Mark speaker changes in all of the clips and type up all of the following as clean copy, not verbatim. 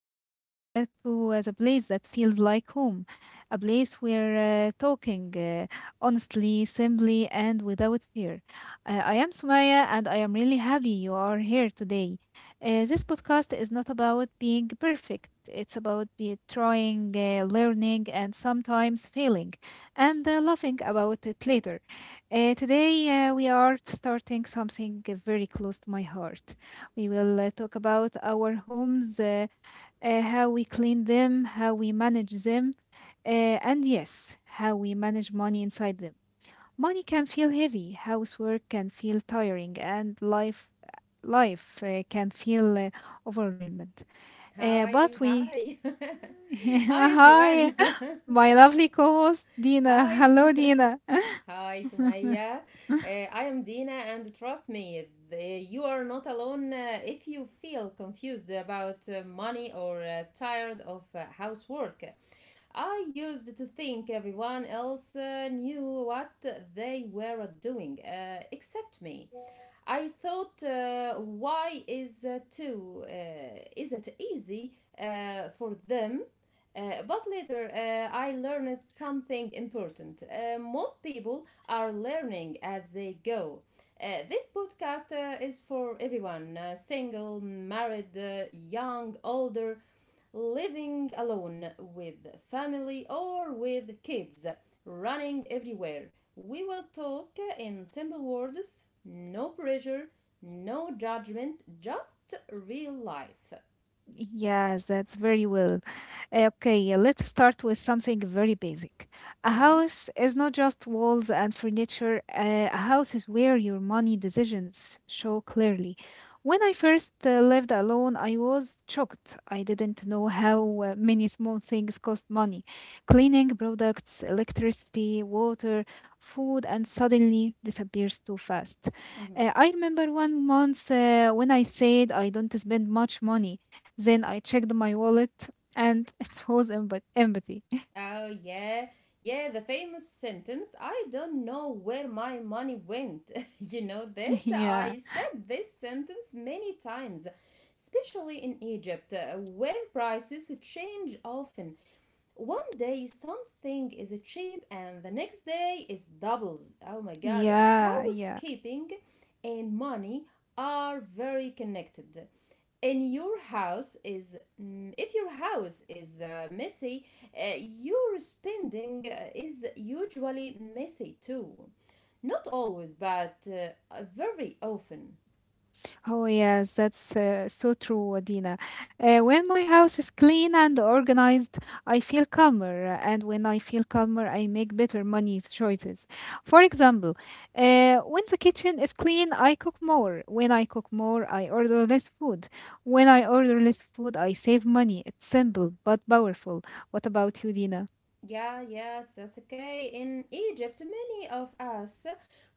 Speaker 1: welcome to the place that feels like home. A place where talking, honestly, simply, and without fear. I am Sumaya, and I am really happy you are here today. This podcast is not about being perfect, it's about be trying, learning, and sometimes failing, and laughing about it later. Today, we are starting something very close to my heart. We will talk about our homes, how we clean them, how we manage them, and yes, how we manage money inside them. Money can feel heavy, housework can feel tiring, and life can feel overwhelmed.
Speaker 2: Hi,
Speaker 1: But we
Speaker 2: hi. Hi everyone.
Speaker 1: hi, my lovely co-host Dina.
Speaker 2: Hi.
Speaker 1: Hello, Dina.
Speaker 2: Hi Sumaya. I am Dina and trust me, you are not alone if you feel confused about money or tired of housework. I used to think everyone else knew what they were doing except me. I thought, why is too? Is it easy for them? But later, I learned something important. Most people are learning as they go. This podcast is for everyone: single, married, young, older, living alone, with family, or with kids, running everywhere. We will talk in simple words, no pressure, no judgment, just real life.
Speaker 1: Yes, that's very well. Okay, let's start with something very basic. A
Speaker 2: Mhm,
Speaker 1: house is not just walls and furniture. A house is where your money decisions show clearly. When I first lived alone, I was shocked. I didn't know how many small things cost money. Cleaning products, electricity, water, food, and suddenly disappears too fast.
Speaker 2: mhm.
Speaker 1: I remember one month when I said I don't spend much money. Then I checked my wallet and it was empty.
Speaker 2: Oh, yeah. Yeah, the famous sentence, "I don't know where my money went." You know this?
Speaker 1: Yeah.
Speaker 2: I said this sentence many times, especially in Egypt, where prices change often. One day something is cheap and the next day is doubles. Oh my god,
Speaker 1: Yeah, yeah.
Speaker 2: housekeeping and money are very connected. In your house is mm, If your house is messy, your spending is usually messy too. Not always, but very often.
Speaker 1: Oh, yes, that's so true, Dina. When my house is clean and organized, I feel calmer. And when I feel calmer, I make better money choices. For example, when the kitchen is clean, I cook more. When I cook more, I order less food. When I order less food, I save money. It's simple but powerful. What about you, Dina?
Speaker 2: Yeah, yes, that's okay. In Egypt, many of us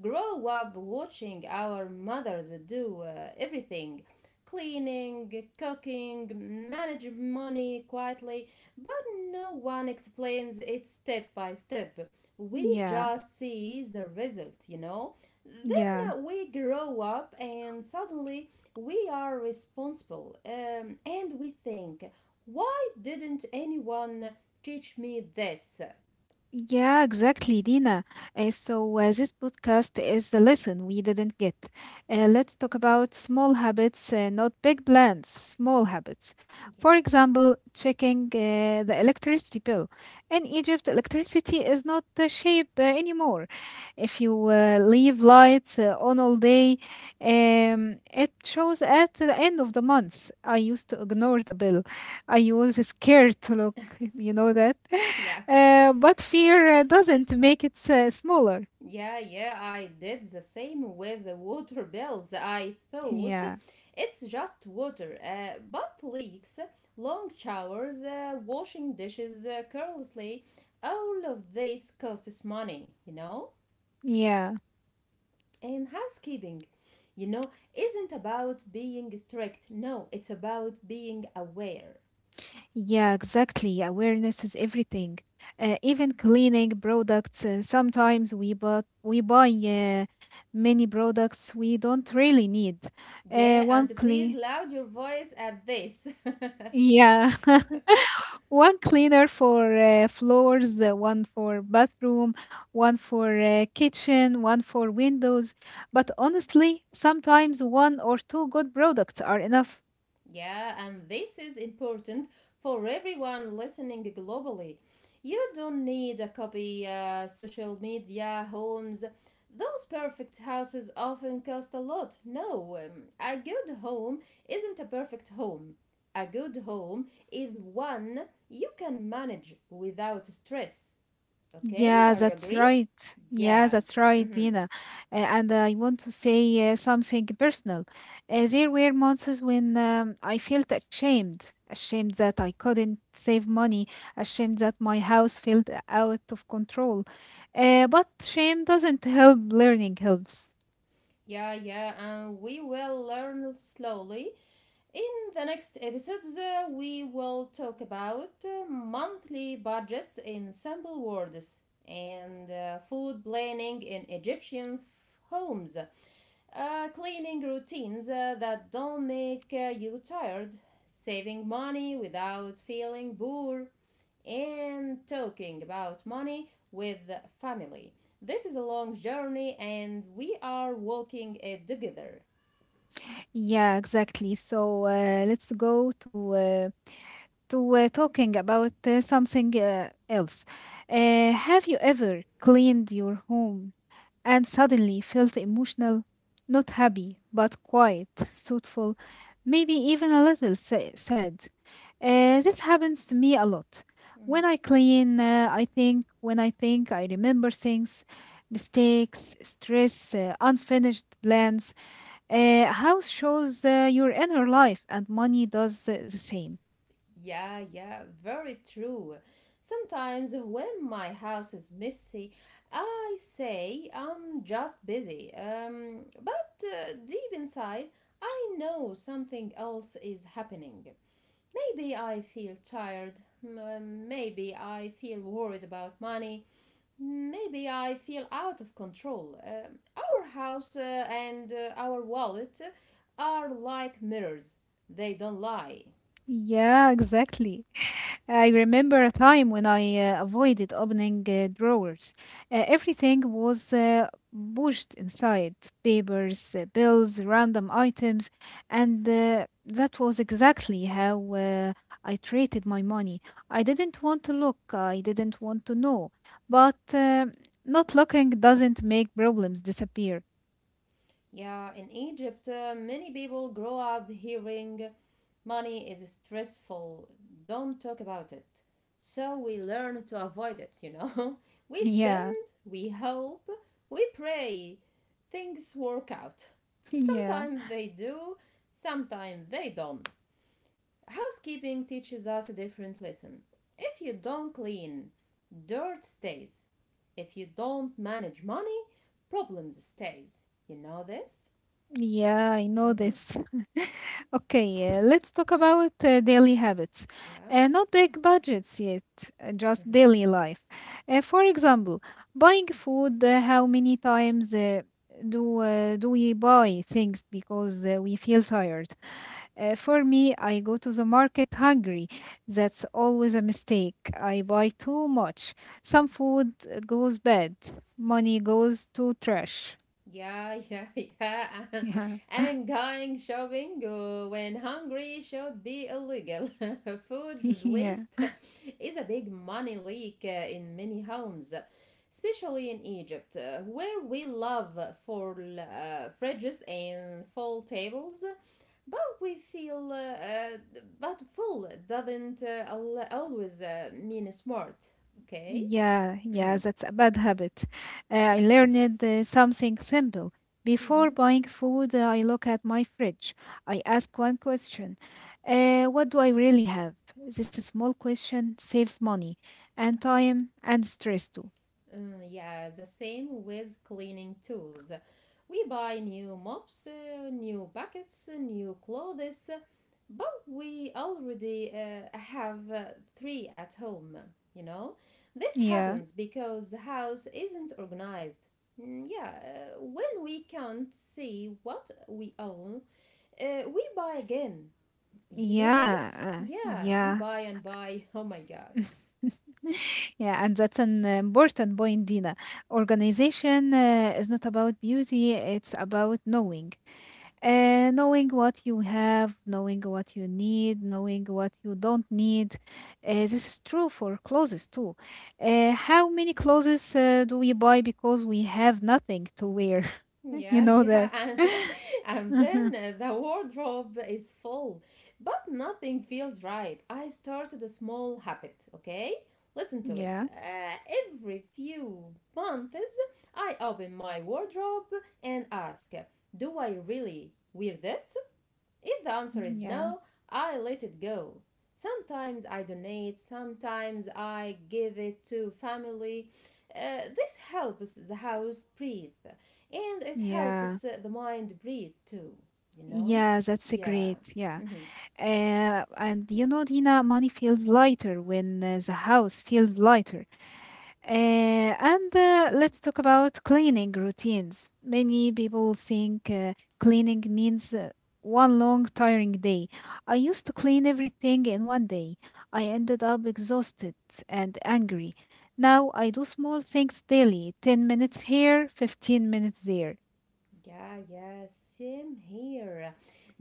Speaker 2: grow up watching our mothers do everything: cleaning, cooking, manage money quietly, but no one explains it step by step. We
Speaker 1: Yeah,
Speaker 2: just see the result, you know? Then
Speaker 1: yeah.
Speaker 2: we grow up and suddenly we are responsible, and we think, why didn't anyone teach me this?
Speaker 1: Yeah, exactly, Dina. So, this podcast is the lesson we didn't get. Let's talk about small habits, not big plans, small habits.
Speaker 2: Yeah.
Speaker 1: For example, checking the electricity bill. In Egypt, electricity is not the shape anymore. If you leave lights on all day, it shows at the end of the month. I used to ignore the bill, I was scared to look, you know that?
Speaker 2: Yeah,
Speaker 1: But fear doesn't make it smaller.
Speaker 2: yeah, yeah. I did the same with the water bills. I thought
Speaker 1: Yeah,
Speaker 2: it's just water, but leaks, long showers, washing dishes carelessly, all of this costs money, you know?
Speaker 1: yeah,
Speaker 2: And housekeeping, you know, isn't about being strict. No, it's about being aware.
Speaker 1: yeah, exactly. Awareness is everything. Even cleaning products. Sometimes we but we buy many products we don't really need.
Speaker 2: Yeah,
Speaker 1: One
Speaker 2: and please
Speaker 1: clean.
Speaker 2: loud your voice at this.
Speaker 1: Yeah, one cleaner for floors, one for bathroom, one for kitchen, one for windows. But honestly, sometimes one or two good products are enough.
Speaker 2: Yeah, and this is important for everyone listening globally. You don't need a copy, social media, homes. Those perfect houses often cost a lot. No, a good home isn't a perfect home. A good home is one you can manage without stress. Okay,
Speaker 1: Yeah,
Speaker 2: are you
Speaker 1: that's
Speaker 2: agree?
Speaker 1: right. Yeah,
Speaker 2: Yeah.
Speaker 1: that's right,
Speaker 2: Mm-hmm.
Speaker 1: Dina. And I want to say something personal. There were months when I felt ashamed, ashamed that I couldn't save money, ashamed that my house felt out of control. But shame doesn't help, learning helps.
Speaker 2: Yeah, yeah, and we will learn slowly. In the next episodes, we will talk about monthly budgets in simple words, and food planning in Egyptian homes, cleaning routines that don't make you tired, saving money without feeling poor, and talking about money with family. This is a long journey, and we are walking it together.
Speaker 1: Yeah, exactly. So let's go to talking about something else. Have you ever cleaned your home? And suddenly felt emotional, not happy, but quiet, thoughtful, maybe even a little sad. This happens to me a lot. When I clean, I think, when I think, I remember things, mistakes, stress, unfinished plans. House shows your inner life, and money does the same.
Speaker 2: Yeah, yeah, very true. Sometimes when my house is messy, I say I'm just busy. But, deep inside, I know something else is happening. Maybe I feel tired. Maybe I feel worried about money. Maybe I feel out of control. Our house and our wallet are like mirrors; they don't lie.
Speaker 1: Yeah, exactly. I remember a time when I avoided opening drawers. Everything was pushed inside papers, bills, random items, and that was exactly how I treated my money. I didn't want to look, I didn't want to know, but not looking doesn't make problems disappear.
Speaker 2: Yeah, in Egypt, many people grow up hearing "money is stressful, don't talk about it." So we learn to avoid it, you know? We
Speaker 1: Yeah,
Speaker 2: spend, we hope, we pray, things work out.
Speaker 1: yeah.
Speaker 2: Sometimes they do, sometimes they don't. Housekeeping teaches us a different lesson. If you don't clean, dirt stays. If you don't manage money, problems stays. You know this?
Speaker 1: Yeah, I know
Speaker 2: Mm-hmm.
Speaker 1: this. Okay, let's talk about daily habits.
Speaker 2: Yeah,
Speaker 1: Not big budgets yet, just daily life. For example, buying food, how many times do we buy things because we feel tired? For me, I go to the market hungry. That's always a mistake. I buy too much. Some food goes bad. Money goes to trash.
Speaker 2: yeah, yeah, yeah.
Speaker 1: Yeah.
Speaker 2: And going shopping when hungry should be illegal. Food
Speaker 1: Yeah.
Speaker 2: waste is a big money leak in many homes, especially in Egypt, where we love for fridges and full tables, but we feel but full doesn't always mean smart. Okay.
Speaker 1: Yeah, yeah,
Speaker 2: Mm-hmm.
Speaker 1: that's a bad habit. I
Speaker 2: Yeah.
Speaker 1: learned something simple. Before
Speaker 2: Mm-hmm.
Speaker 1: buying food, I look at my fridge. I ask one question what do I really have? This small question saves money and time and stress too.
Speaker 2: Mm, yeah, the same with cleaning tools. We buy new mops, new buckets, new clothes, but we already have three at home, you know? This
Speaker 1: Yeah,
Speaker 2: happens because the house isn't organized. Mm, yeah, when we can't see what we own, we buy again. You know this?
Speaker 1: yeah,
Speaker 2: Yeah, we
Speaker 1: yeah.
Speaker 2: buy and buy. Oh my god.
Speaker 1: Yeah, and that's an important point, Dina. Organization is not about beauty, it's about knowing. Knowing what you have, knowing what you need, knowing what you don't need. This is true for clothes too. How many clothes do we buy because we have nothing to wear?
Speaker 2: Yeah,
Speaker 1: You know
Speaker 2: yeah,
Speaker 1: that.
Speaker 2: and, and
Speaker 1: Mhm.
Speaker 2: then the wardrobe is full, but nothing feels right. I started a small habit, okay? Listen to it.
Speaker 1: Yeah,
Speaker 2: Every few months, I open my wardrobe and ask, "Do I really wear this?" If the answer is
Speaker 1: yeah,
Speaker 2: no, I let it go. Sometimes I donate, sometimes I give it to family. This helps the house breathe, and it
Speaker 1: yeah,
Speaker 2: helps the mind breathe too, you know?
Speaker 1: yeah, that's a
Speaker 2: Yeah.
Speaker 1: great. Yeah.
Speaker 2: Hmm.
Speaker 1: And you know, Dina, money feels lighter when the house feels lighter. And Let's talk about cleaning routines. Many people think cleaning means one long, tiring day. I used to clean everything in one day. I ended up exhausted and angry. Now I do small things daily 10 minutes here, 15 minutes there.
Speaker 2: Yeah, yeah, same here.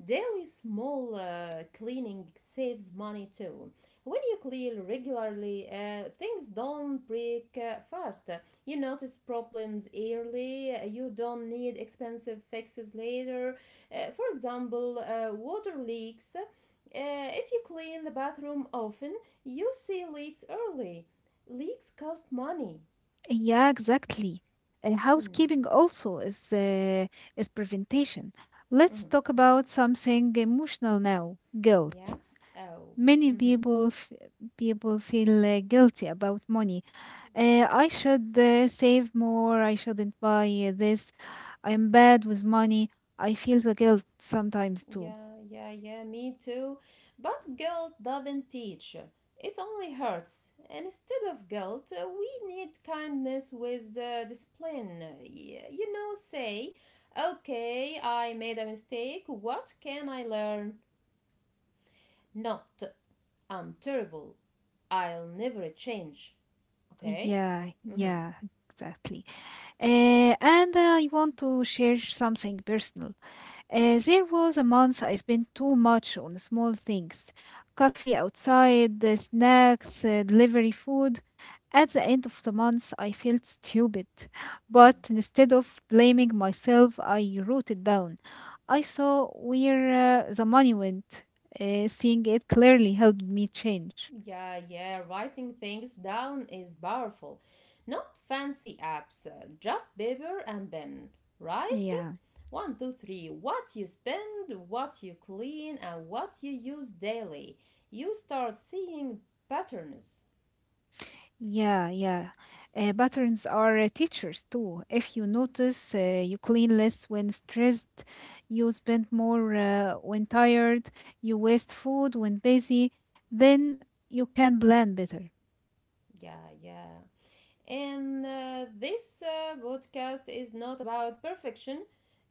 Speaker 2: Daily small cleaning saves money too. When you clean regularly, things don't break fast. You notice problems early, you don't need expensive fixes later. For example, water leaks. If you clean the bathroom often, you see leaks early. Leaks cost money.
Speaker 1: Yeah, exactly.
Speaker 2: Mm,
Speaker 1: Housekeeping also is prevention.
Speaker 2: mhm,
Speaker 1: Let's talk about something emotional now. Guilt.
Speaker 2: yeah. Oh.
Speaker 1: Many
Speaker 2: Mhm.
Speaker 1: people feel guilty about money. I should save more. I shouldn't buy this. I'm bad with money. I feel the guilt sometimes too.
Speaker 2: Yeah, yeah, yeah, me too. But guilt doesn't teach. It only hurts. And instead of guilt, we need kindness with discipline. You know, say, "Okay, I made a mistake. What can I learn?" Not, "I'm terrible. I'll never change." Okay?
Speaker 1: Yeah,
Speaker 2: Mm-hmm.
Speaker 1: yeah, exactly. And I want to share something personal. There was a month I spent too much on small things coffee outside, snacks, delivery food. At the end of the month, I felt stupid. But instead of blaming myself, I wrote it down. I saw where the money went. Seeing it clearly helped me change.
Speaker 2: Yeah, yeah, writing things down is powerful. Not fancy apps, just paper and pen, right?
Speaker 1: Yeah.
Speaker 2: One, two, three. What you spend, what you clean, and what you use daily. You start seeing patterns.
Speaker 1: Yeah, yeah. Patterns are teachers too. If you notice, you clean less when stressed, you spend more when tired, you waste food when busy, then you can plan better.
Speaker 2: Yeah, yeah. And this podcast is not about perfection.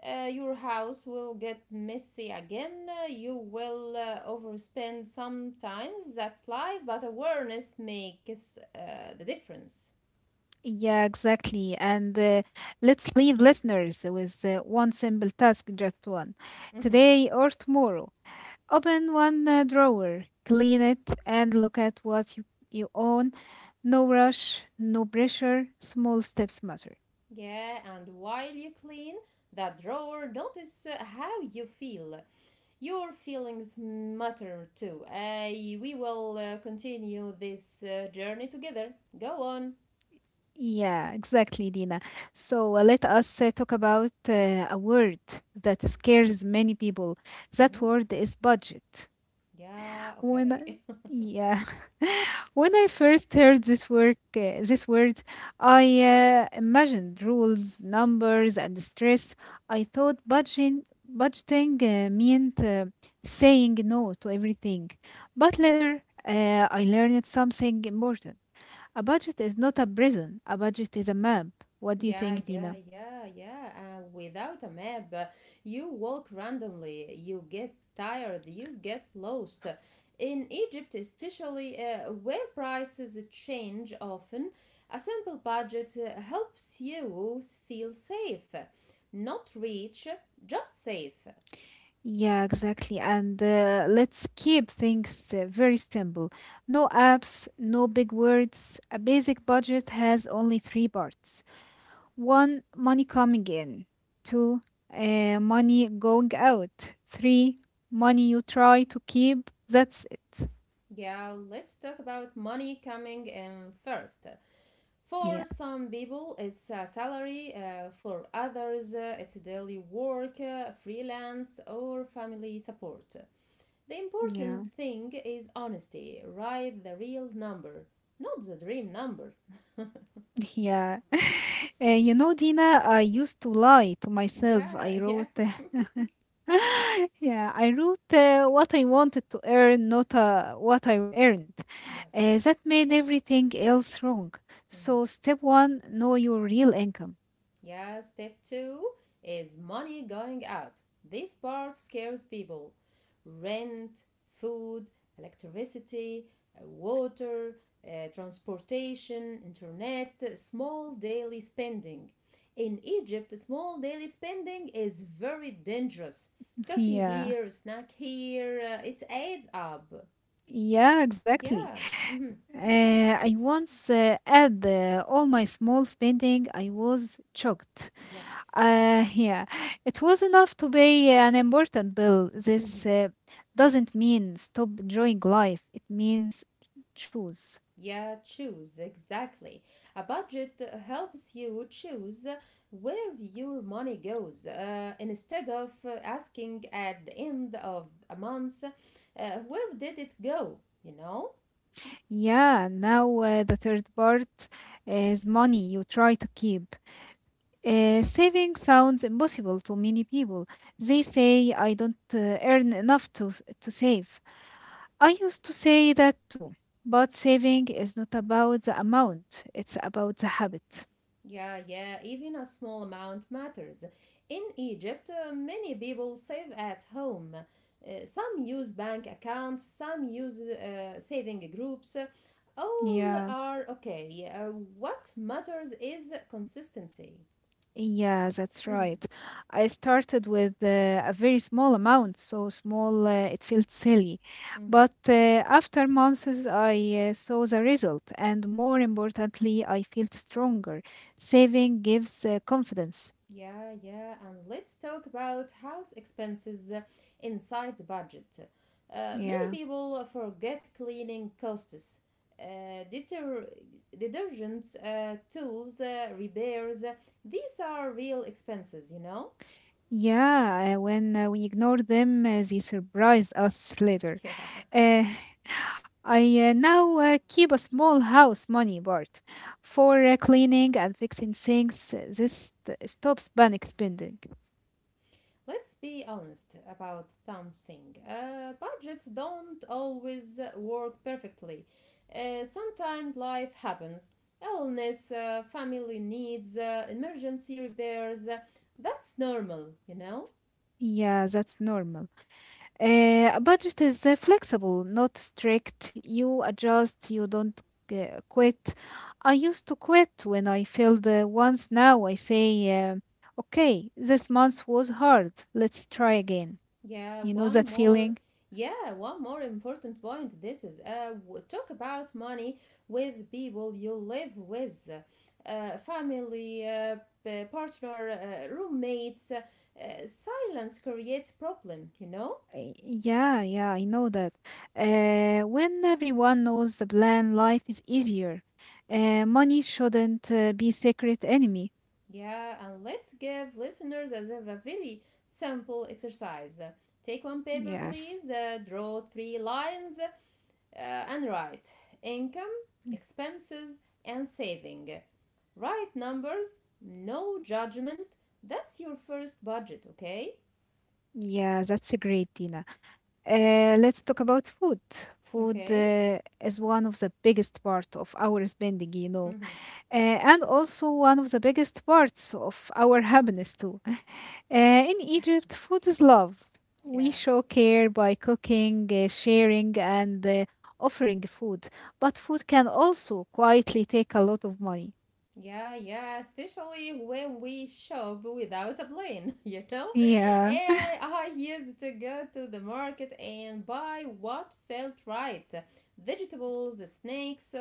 Speaker 2: Your house will get messy again. You will overspend sometimes. That's life, but awareness makes the difference.
Speaker 1: Yeah, exactly. And let's leave listeners with one simple task, just one,
Speaker 2: Mhm.
Speaker 1: today or tomorrow. Open one drawer, clean it, and look at what you own. No rush, no pressure, small steps matter.
Speaker 2: Yeah, and while you clean that drawer, notice how you feel. Your feelings matter too. We will continue this journey together. Go on.
Speaker 1: Yeah, exactly, Dina. So let us talk about a word that scares many people. That
Speaker 2: Mm-hmm.
Speaker 1: word is budget.
Speaker 2: Yeah,
Speaker 1: when I,
Speaker 2: okay.
Speaker 1: yeah. When I first heard this word, I imagined rules, numbers, and stress. I thought budgeting meant saying no to everything. But later I learned something important. A budget is not a prison, a budget is a map. What do you
Speaker 2: Yeah,
Speaker 1: think,
Speaker 2: yeah,
Speaker 1: Dina?
Speaker 2: yeah, yeah. Without a map, you walk randomly, you get tired, you get lost. In Egypt, especially where prices change often, a simple budget helps you feel safe. Not rich, just safe.
Speaker 1: Yeah, exactly. And let's keep things very simple. No apps, no big words. A basic budget has only three parts. One, money coming in. Two, money going out. Three, money you try to keep. That's it.
Speaker 2: Yeah, let's talk about money coming in first. For
Speaker 1: Yeah.
Speaker 2: some people, it's a salary. For others, it's daily work, freelance, or family support. The
Speaker 1: Yeah.
Speaker 2: important thing is honesty. Write the real number, not the dream number.
Speaker 1: Yeah. You know, Dina, I used to lie to myself.
Speaker 2: Yeah,
Speaker 1: I
Speaker 2: yeah.
Speaker 1: wrote yeah, I wrote what I wanted to earn, not what I earned.
Speaker 2: Yes.
Speaker 1: That made everything else wrong. So,
Speaker 2: Mhm.
Speaker 1: step one, know your real income.
Speaker 2: Yeah, step two is money going out. This part scares people. Rent, food, electricity, water, transportation, internet, small daily spending. In Egypt, small daily spending is very dangerous. Coffee
Speaker 1: Yeah,
Speaker 2: here, snack here, it adds up.
Speaker 1: yeah, exactly.
Speaker 2: Yeah. Mhm.
Speaker 1: I once had all my small spending, I was shocked.
Speaker 2: Yes.
Speaker 1: Yeah, it was enough to pay an important bill. This
Speaker 2: Mhm.
Speaker 1: doesn't mean stop enjoying life, it means choose.
Speaker 2: Yeah, choose exactly. A budget helps you choose where your money goes instead of asking at the end of a month, "where did it go?" You know?
Speaker 1: Yeah, now the third part is money you try to keep. Saving sounds impossible to many people. They say, I don't earn enough to save. I used to say that too, but saving is not about the amount, it's about the habit.
Speaker 2: Yeah, yeah, even a small amount matters. In Egypt, many people save at home. Some use bank accounts, some use saving groups. All
Speaker 1: Yeah.
Speaker 2: are okay. What matters is consistency.
Speaker 1: Yeah, that's
Speaker 2: Mm-hmm,
Speaker 1: right. I started with a very small amount, so small it felt silly. But
Speaker 2: mm-hmm.
Speaker 1: after months, I saw the result, and more importantly, I felt stronger. Saving gives confidence.
Speaker 2: Yeah, yeah. And let's talk about house expenses inside the budget. Many
Speaker 1: Yeah.
Speaker 2: people forget cleaning costs, uh, deter- detergents, tools, repairs. These are real expenses, you know?
Speaker 1: Yeah, when we ignore them, they surprise us later.
Speaker 2: Yeah.
Speaker 1: Uh, I now keep a small house money part for cleaning and fixing things. This stops panic spending.
Speaker 2: Let's be honest about something. Budgets don't always work perfectly. Sometimes life happens: illness, family needs, emergency repairs. That's normal, you know?
Speaker 1: Yeah, that's normal. A budget is flexible, not strict. You adjust, you don't quit. I used to quit when I failed once. Now I say, okay, this month was hard. Let's try again.
Speaker 2: Yeah,
Speaker 1: You know
Speaker 2: one
Speaker 1: that
Speaker 2: more.
Speaker 1: feeling?
Speaker 2: Yeah, one more important point. This is talk about money with people you live with: family, partner, roommates. Silence creates problem. You know.
Speaker 1: Yeah, yeah, I know that. When everyone knows the plan, life is easier. Money shouldn't be secret enemy.
Speaker 2: Yeah, and let's give listeners as a very simple exercise. Take one paper,
Speaker 1: Yes.
Speaker 2: please. Draw three lines and write income,
Speaker 1: Mm,
Speaker 2: expenses, and saving. Right numbers, no judgment. That's your first budget, okay?
Speaker 1: yeah, that's a great, Dina. Let's talk about food. Food
Speaker 2: Okay?
Speaker 1: is one of the biggest part of our spending, you know,
Speaker 2: Mm-hmm.
Speaker 1: and also one of the biggest parts of our happiness too. In Egypt, food is love. We
Speaker 2: Yeah.
Speaker 1: show care by cooking, sharing, and offering food. But food can also quietly take a lot of money.
Speaker 2: Yeah, yeah, especially when we shop without a plan, you know?
Speaker 1: Yeah.
Speaker 2: And I used to go to the market and buy what felt right: vegetables, snacks, uh,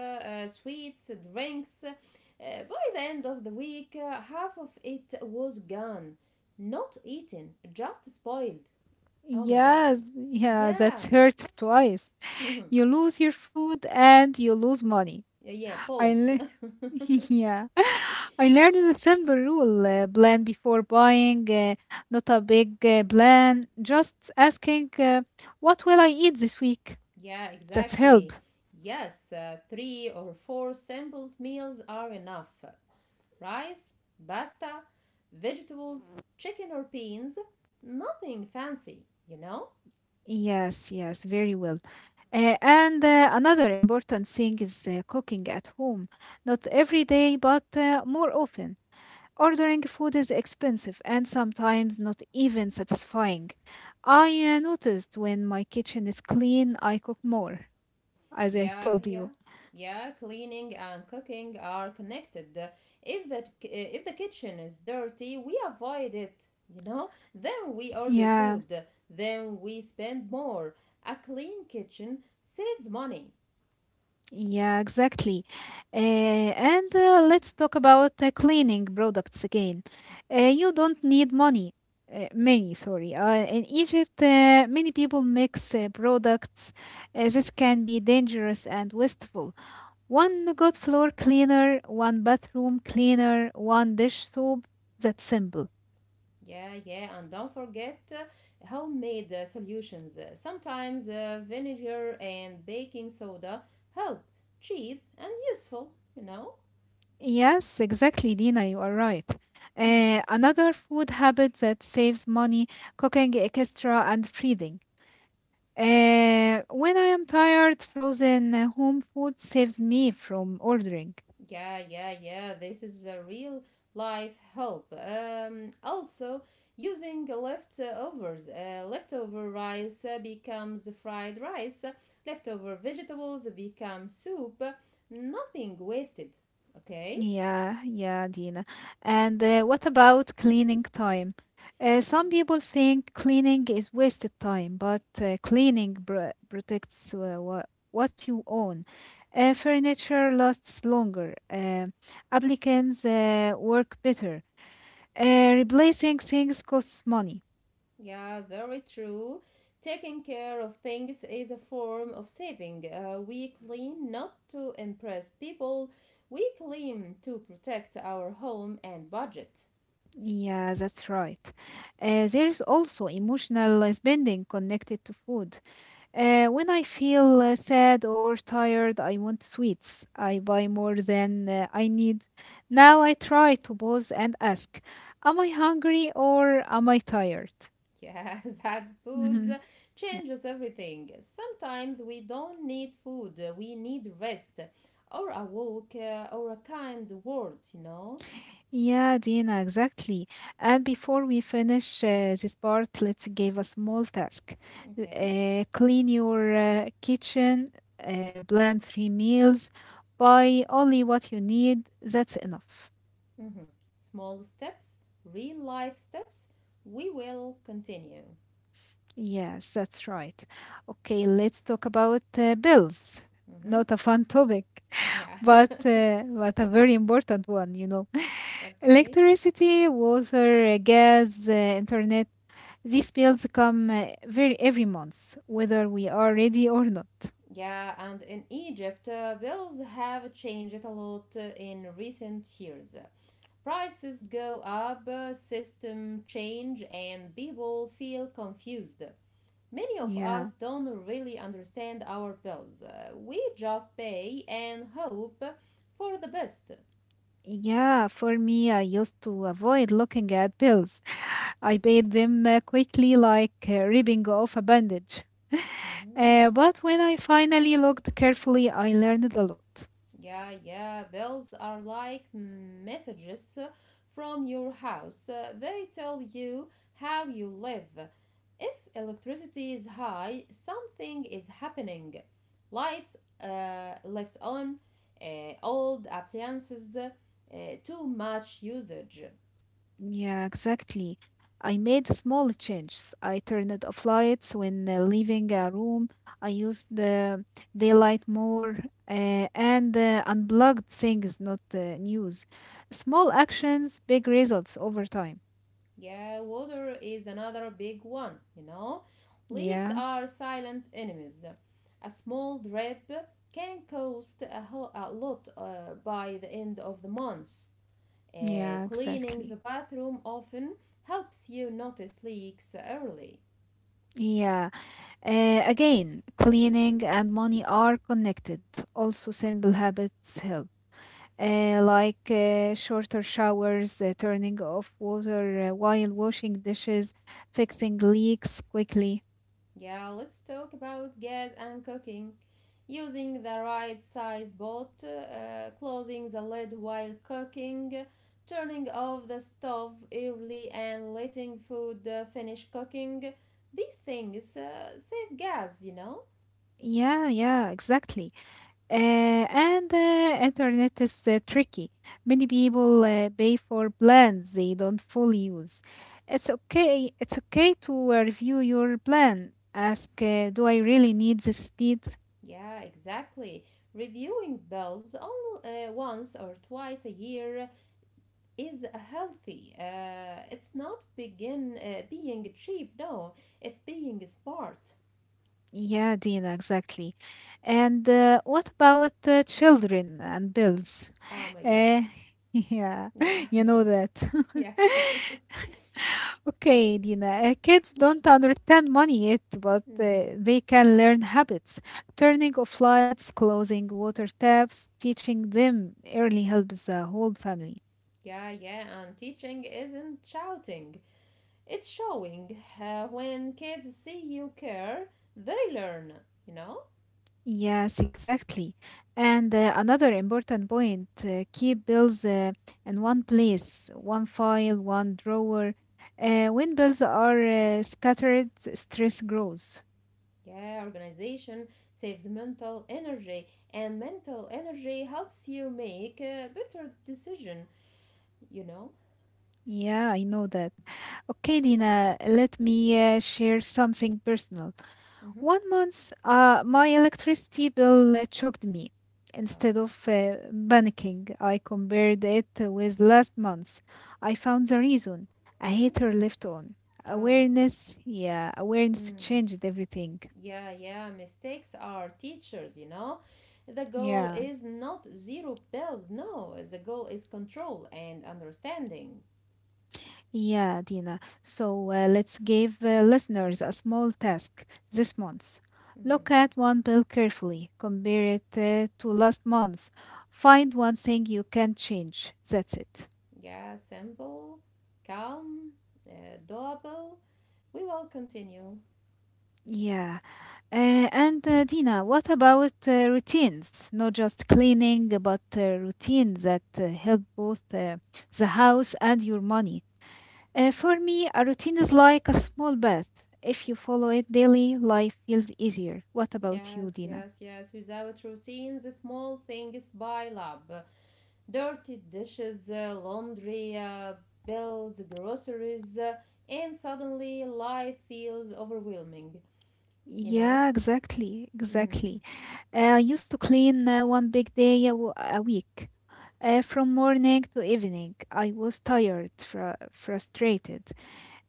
Speaker 2: uh, sweets, drinks. By the end of the week, half of it was gone. Not eaten, just spoiled. Oh my god.
Speaker 1: Yes, yeah,
Speaker 2: Yeah.
Speaker 1: that's hurt twice.
Speaker 2: Mm-hmm.
Speaker 1: You lose your food and you lose money.
Speaker 2: Yeah,
Speaker 1: I
Speaker 2: pulse.
Speaker 1: le- yeah, I learned the simple rule: plan before buying, not a big plan. Just asking, "What will I eat this week?"
Speaker 2: Yeah,
Speaker 1: That's help.
Speaker 2: exactly. Yes, three or four samples meals are enough. Rice, pasta, vegetables, chicken or beans, nothing fancy, you know?
Speaker 1: Yes, yes, very well. And another important thing is cooking at home. Not every day, but more often. Ordering food is expensive and sometimes not even satisfying. I noticed when my kitchen is clean, I cook more, as I
Speaker 2: Yeah,
Speaker 1: told you.
Speaker 2: yeah, yeah. Cleaning and cooking are connected. If the kitchen is dirty, we avoid it. You know, then we order
Speaker 1: Yeah,
Speaker 2: food. Then we spend more. A clean kitchen saves money.
Speaker 1: yeah, exactly. Uh, and let's talk about cleaning products again. You don't need money. Many, sorry. In Egypt, many people mix products. This can be dangerous and wasteful. One good floor cleaner, one bathroom cleaner, one dish soap. That's simple.
Speaker 2: Yeah, yeah, and don't forget homemade solutions. Sometimes vinegar and baking soda help, cheap and useful. You know.
Speaker 1: Yes, exactly, Dina, you are right.
Speaker 2: Mhm.
Speaker 1: Another food habit that saves money, cooking extra and freezing. When I am tired, frozen home food saves me from ordering.
Speaker 2: Yeah, yeah, yeah. This is a real life help. Also, using leftovers: leftover rice becomes fried rice, leftover vegetables become soup. Nothing wasted. Okay?
Speaker 1: Yeah, yeah, Dina. And What about cleaning time? Some people think cleaning is wasted time, but cleaning br protects what you own. Furniture lasts longer. Applicants work better. Replacing things costs money.
Speaker 2: Yeah, very true. Taking care of things is a form of saving. We clean not to impress people, we clean to protect our home and budget.
Speaker 1: Yeah, that's right. There is also emotional spending connected to food. When I feel sad or tired, I want sweets. I buy more than I need. Now I try to pause and ask, am I hungry or am I tired?
Speaker 2: Yes, that booze
Speaker 1: Hmm. Yeah,
Speaker 2: changes everything. Sometimes we don't need food, we need rest or a walk or a kind word, you know?
Speaker 1: yeah, Dina, exactly. And before we finish this part, let's give a small task.
Speaker 2: Okay.
Speaker 1: Clean your kitchen, plan three meals, buy only what you need. That's enough.
Speaker 2: Mm-hmm. Small steps, real life steps. We will continue.
Speaker 1: Yes, that's right. Okay, let's talk about bills.
Speaker 2: Mm-hmm.
Speaker 1: Not a fun topic,
Speaker 2: Yeah.
Speaker 1: but a very important one, you know.
Speaker 2: Okay.
Speaker 1: Electricity, water, gas, internet, these bills come very every month, whether we are ready or not.
Speaker 2: Yeah, and in Egypt, bills have changed a lot in recent years. Prices go up, system change, and people feel confused. Many of
Speaker 1: Yeah.
Speaker 2: us don't really understand our bills. We just pay and hope for the best.
Speaker 1: Yeah, for me, I used to avoid looking at pills. I paid them quickly, like ripping off a bandage.
Speaker 2: Mhm.
Speaker 1: But when I finally looked carefully, I learned a lot.
Speaker 2: Yeah, yeah, bells are like messages from your house. They tell you how you live. If electricity is high, something is happening. Lights left on, old appliances, too much usage.
Speaker 1: Yeah, exactly. I made small changes. I turned off lights when leaving a room. I used the daylight more and unplugged things, not news. Small actions, big results over time.
Speaker 2: Yeah, water is another big one. Leaks
Speaker 1: Yeah.
Speaker 2: are silent enemies. A small drip can cost a lot by the end of the month. Uh,
Speaker 1: Yeah,
Speaker 2: cleaning the
Speaker 1: exactly.
Speaker 2: bathroom often helps you notice leaks early.
Speaker 1: Yeah. Again, cleaning and money are connected. Also, simple habits help, like shorter showers, turning off water while washing dishes, fixing leaks quickly.
Speaker 2: Yeah, let's talk about gas and cooking. Using the right size pot, closing the lid while cooking, turning off the stove early, and letting food finish cooking. These things save gas, you know?
Speaker 1: Yeah, yeah, exactly. And internet is tricky. Many people pay for plans they don't fully use. It's okay. It's okay to review your plan. Ask, do I really need this speed?
Speaker 2: Yeah, exactly. Reviewing bills only once or twice a year is healthy. It's not begin being cheap, no, it's being smart.
Speaker 1: Yeah, Dina, exactly. And What about children and bills?
Speaker 2: Oh my god.
Speaker 1: Uh, yeah,
Speaker 2: Yeah.
Speaker 1: you know that.
Speaker 2: yes.
Speaker 1: Okay, Dina, kids don't understand money yet, but
Speaker 2: hmm.
Speaker 1: they can learn habits. Turning off lights, closing water taps, teaching them early helps the whole family.
Speaker 2: Yeah, yeah, and teaching isn't shouting. It's showing. When kids see you care, they learn, you know?
Speaker 1: Yes, exactly. And Another important point, keep bills in one place, one file, one drawer. When bills are scattered, stress grows.
Speaker 2: Yeah, organization saves mental energy, and mental energy helps you make a better decision, you know?
Speaker 1: Yeah, I know that. Okay, Dina, let me share something personal.
Speaker 2: Mm-hmm.
Speaker 1: 1 month, my electricity bill shocked me.
Speaker 2: Oh.
Speaker 1: Instead of panicking, I compared it with last month's. I found the reason: a
Speaker 2: Mm-hmm.
Speaker 1: heater left on.
Speaker 2: Oh.
Speaker 1: Awareness, yeah, awareness
Speaker 2: Mm.
Speaker 1: changed everything.
Speaker 2: Yeah, yeah, mistakes are teachers, you know. The goal
Speaker 1: Yeah,
Speaker 2: is not zero pills, no. The goal is control and understanding.
Speaker 1: yeah, Dina. So let's give listeners a small task this month. Look
Speaker 2: Hmm.
Speaker 1: at one bill carefully, compare it to last month's. Find one thing you can change. That's it.
Speaker 2: Yeah, simple, calm, doable. We will continue.
Speaker 1: Yeah. And Dina, what about routines? Not just cleaning, but routines that help both the house and your money. For me, a routine is like a small bath. If you follow it daily, life feels easier. What about you,
Speaker 2: Yes,
Speaker 1: Dina?
Speaker 2: yes, yes. Without routines, the small things pile up. Dirty dishes, laundry, bills, groceries, and suddenly life feels overwhelming, you know?
Speaker 1: Yeah, exactly,
Speaker 2: Hmm.
Speaker 1: exactly. I used to clean one big day a week. From morning to evening, I was tired, frustrated.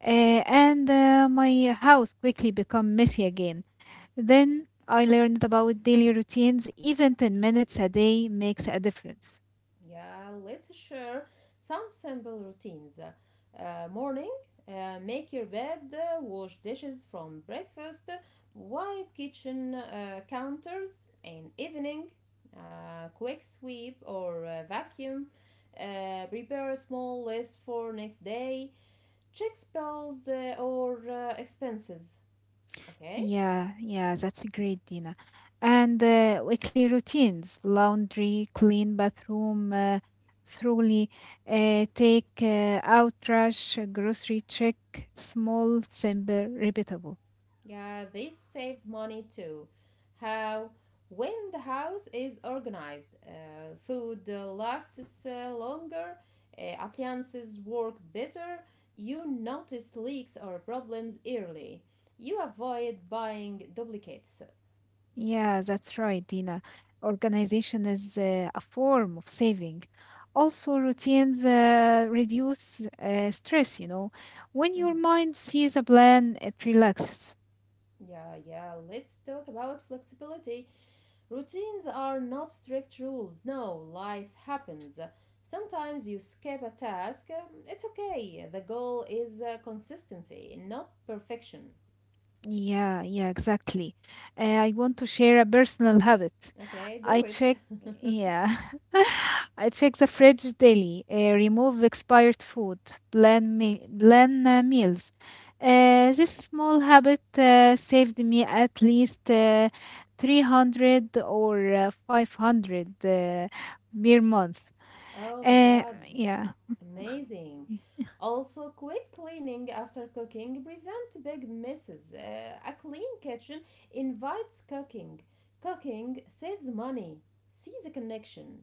Speaker 1: Uh, and my house quickly become messy again. Then I learned about daily routines. Even 10 minutes a day makes a difference.
Speaker 2: Yeah, let's share some simple routines. Morning, make your bed, wash dishes from breakfast, wipe kitchen counters, and evening, quick sweep or vacuum, prepare a small list for next day, check spells or expenses. Okay?
Speaker 1: Yeah, yeah, that's great, Dina. And Weekly routines: laundry, clean bathroom, thoroughly, take out trash, grocery check, small, simple, repeatable.
Speaker 2: Yeah, this saves money too. How? When the house is organized, food lasts longer, appliances work better, you notice leaks or problems early. You avoid buying duplicates.
Speaker 1: Yeah, that's right, Dina. Organization is a form of saving. Also, routines reduce stress, you know. When
Speaker 2: Mhm.
Speaker 1: your mind sees a plan, it relaxes.
Speaker 2: Yeah, yeah, let's talk about flexibility. Routines are not strict rules. No, life happens. Sometimes you skip a task. It's okay. The goal is consistency, not perfection.
Speaker 1: Yeah, yeah, exactly. I want to share a personal habit.
Speaker 2: Okay,
Speaker 1: I
Speaker 2: do it.
Speaker 1: check, yeah, I check the fridge daily, remove expired food, plan meals. This small habit saved me at least 300 or 500 per month.
Speaker 2: oh my
Speaker 1: Uh,
Speaker 2: god.
Speaker 1: yeah.
Speaker 2: Amazing. Also, quick cleaning after cooking prevent big misses. A clean kitchen invites cooking. Cooking saves money. See the connection.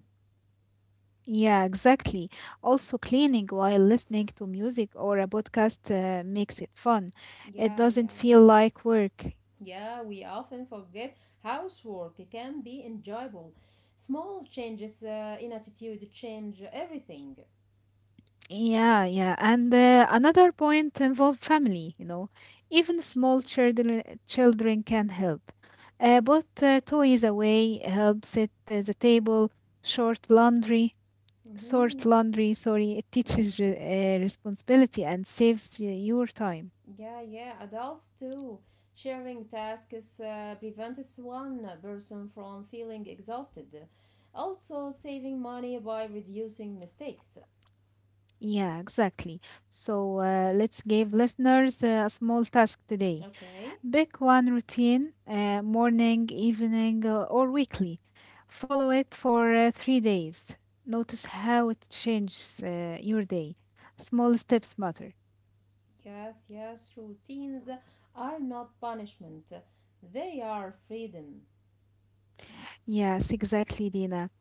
Speaker 1: Yeah, exactly. Also, cleaning while listening to music or a podcast makes it fun. It
Speaker 2: Yeah,
Speaker 1: doesn't
Speaker 2: yeah.
Speaker 1: feel like work.
Speaker 2: Yeah, we often forget housework can be enjoyable. Small changes in attitude change everything.
Speaker 1: Yeah, yeah. And Another point, involve family, you know. Even small children can help. But toys away helps set the table, short laundry, sort
Speaker 2: Mm-hmm.
Speaker 1: laundry, sorry. It teaches
Speaker 2: Mm-hmm.
Speaker 1: responsibility and saves your time.
Speaker 2: Yeah, yeah, adults too. Sharing tasks prevents one person from feeling exhausted. Also, saving money by reducing mistakes.
Speaker 1: Yeah, exactly. So let's give listeners a small task today.
Speaker 2: Okay,
Speaker 1: Pick one routine, morning, evening, or weekly. Follow it for 3 days. Notice how it changes your day. Small steps matter.
Speaker 2: yes, yes, routines are not punishment, they are freedom.
Speaker 1: Yes, exactly, Dina.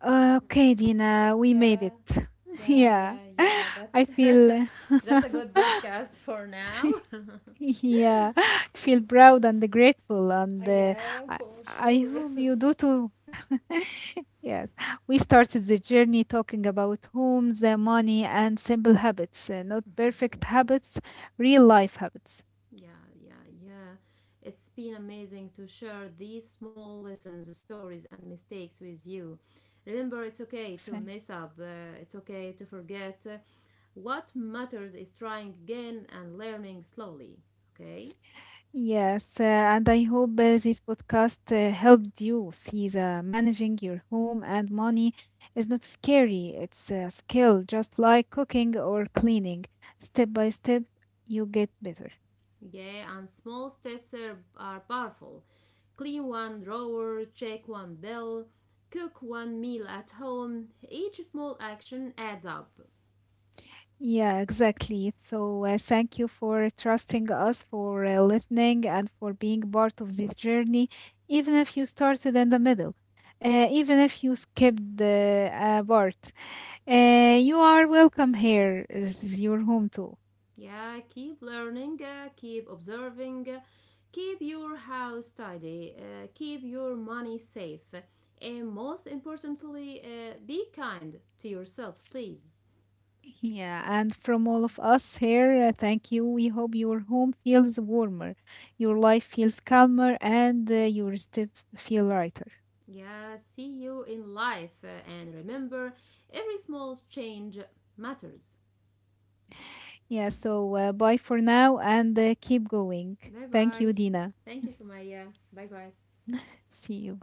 Speaker 1: Okay, Dina, we made
Speaker 2: Yeah,
Speaker 1: it.
Speaker 2: yeah,
Speaker 1: yeah,
Speaker 2: yeah, yeah. That's
Speaker 1: I feel.
Speaker 2: that's a good podcast for now.
Speaker 1: Yeah, feel proud and grateful,
Speaker 2: Uh,
Speaker 1: and
Speaker 2: yeah, of
Speaker 1: I,
Speaker 2: course,
Speaker 1: I hope
Speaker 2: sure.
Speaker 1: you do too. Yes, we started the journey talking about homes, money, and simple habits, not perfect habits, real life habits.
Speaker 2: yeah, yeah, yeah. It's been amazing to share these small lessons, stories, and mistakes with you. Remember, it's okay to
Speaker 1: Thank-
Speaker 2: mess up. It's okay to forget. What matters is trying again and learning slowly. Okay.
Speaker 1: Yes, and I hope this podcast helped you see that managing your home and money is not scary. It's a skill, just like cooking or cleaning. Step by step, you get better.
Speaker 2: Yeah, and small steps are powerful. Clean one drawer, check one bill, cook one meal at home. Each small action adds up.
Speaker 1: Yeah, exactly. So, thank you for trusting us, for listening, and for being part of this journey, even if you started in the middle, even if you skipped the part. You are welcome here. This is your home too.
Speaker 2: Yeah, keep learning, keep observing, keep your house tidy, keep your money safe, and most importantly, be kind to yourself, please.
Speaker 1: Yeah, and from all of us here, thank you. We hope your home feels warmer, your life feels calmer, and your steps feel lighter.
Speaker 2: Yeah, see you in life, and remember every small change matters.
Speaker 1: Yeah, so bye for now and keep going.
Speaker 2: Bye
Speaker 1: Thank you,
Speaker 2: bye.
Speaker 1: Dina.
Speaker 2: Thank you, Sumaya. Bye bye.
Speaker 1: See you.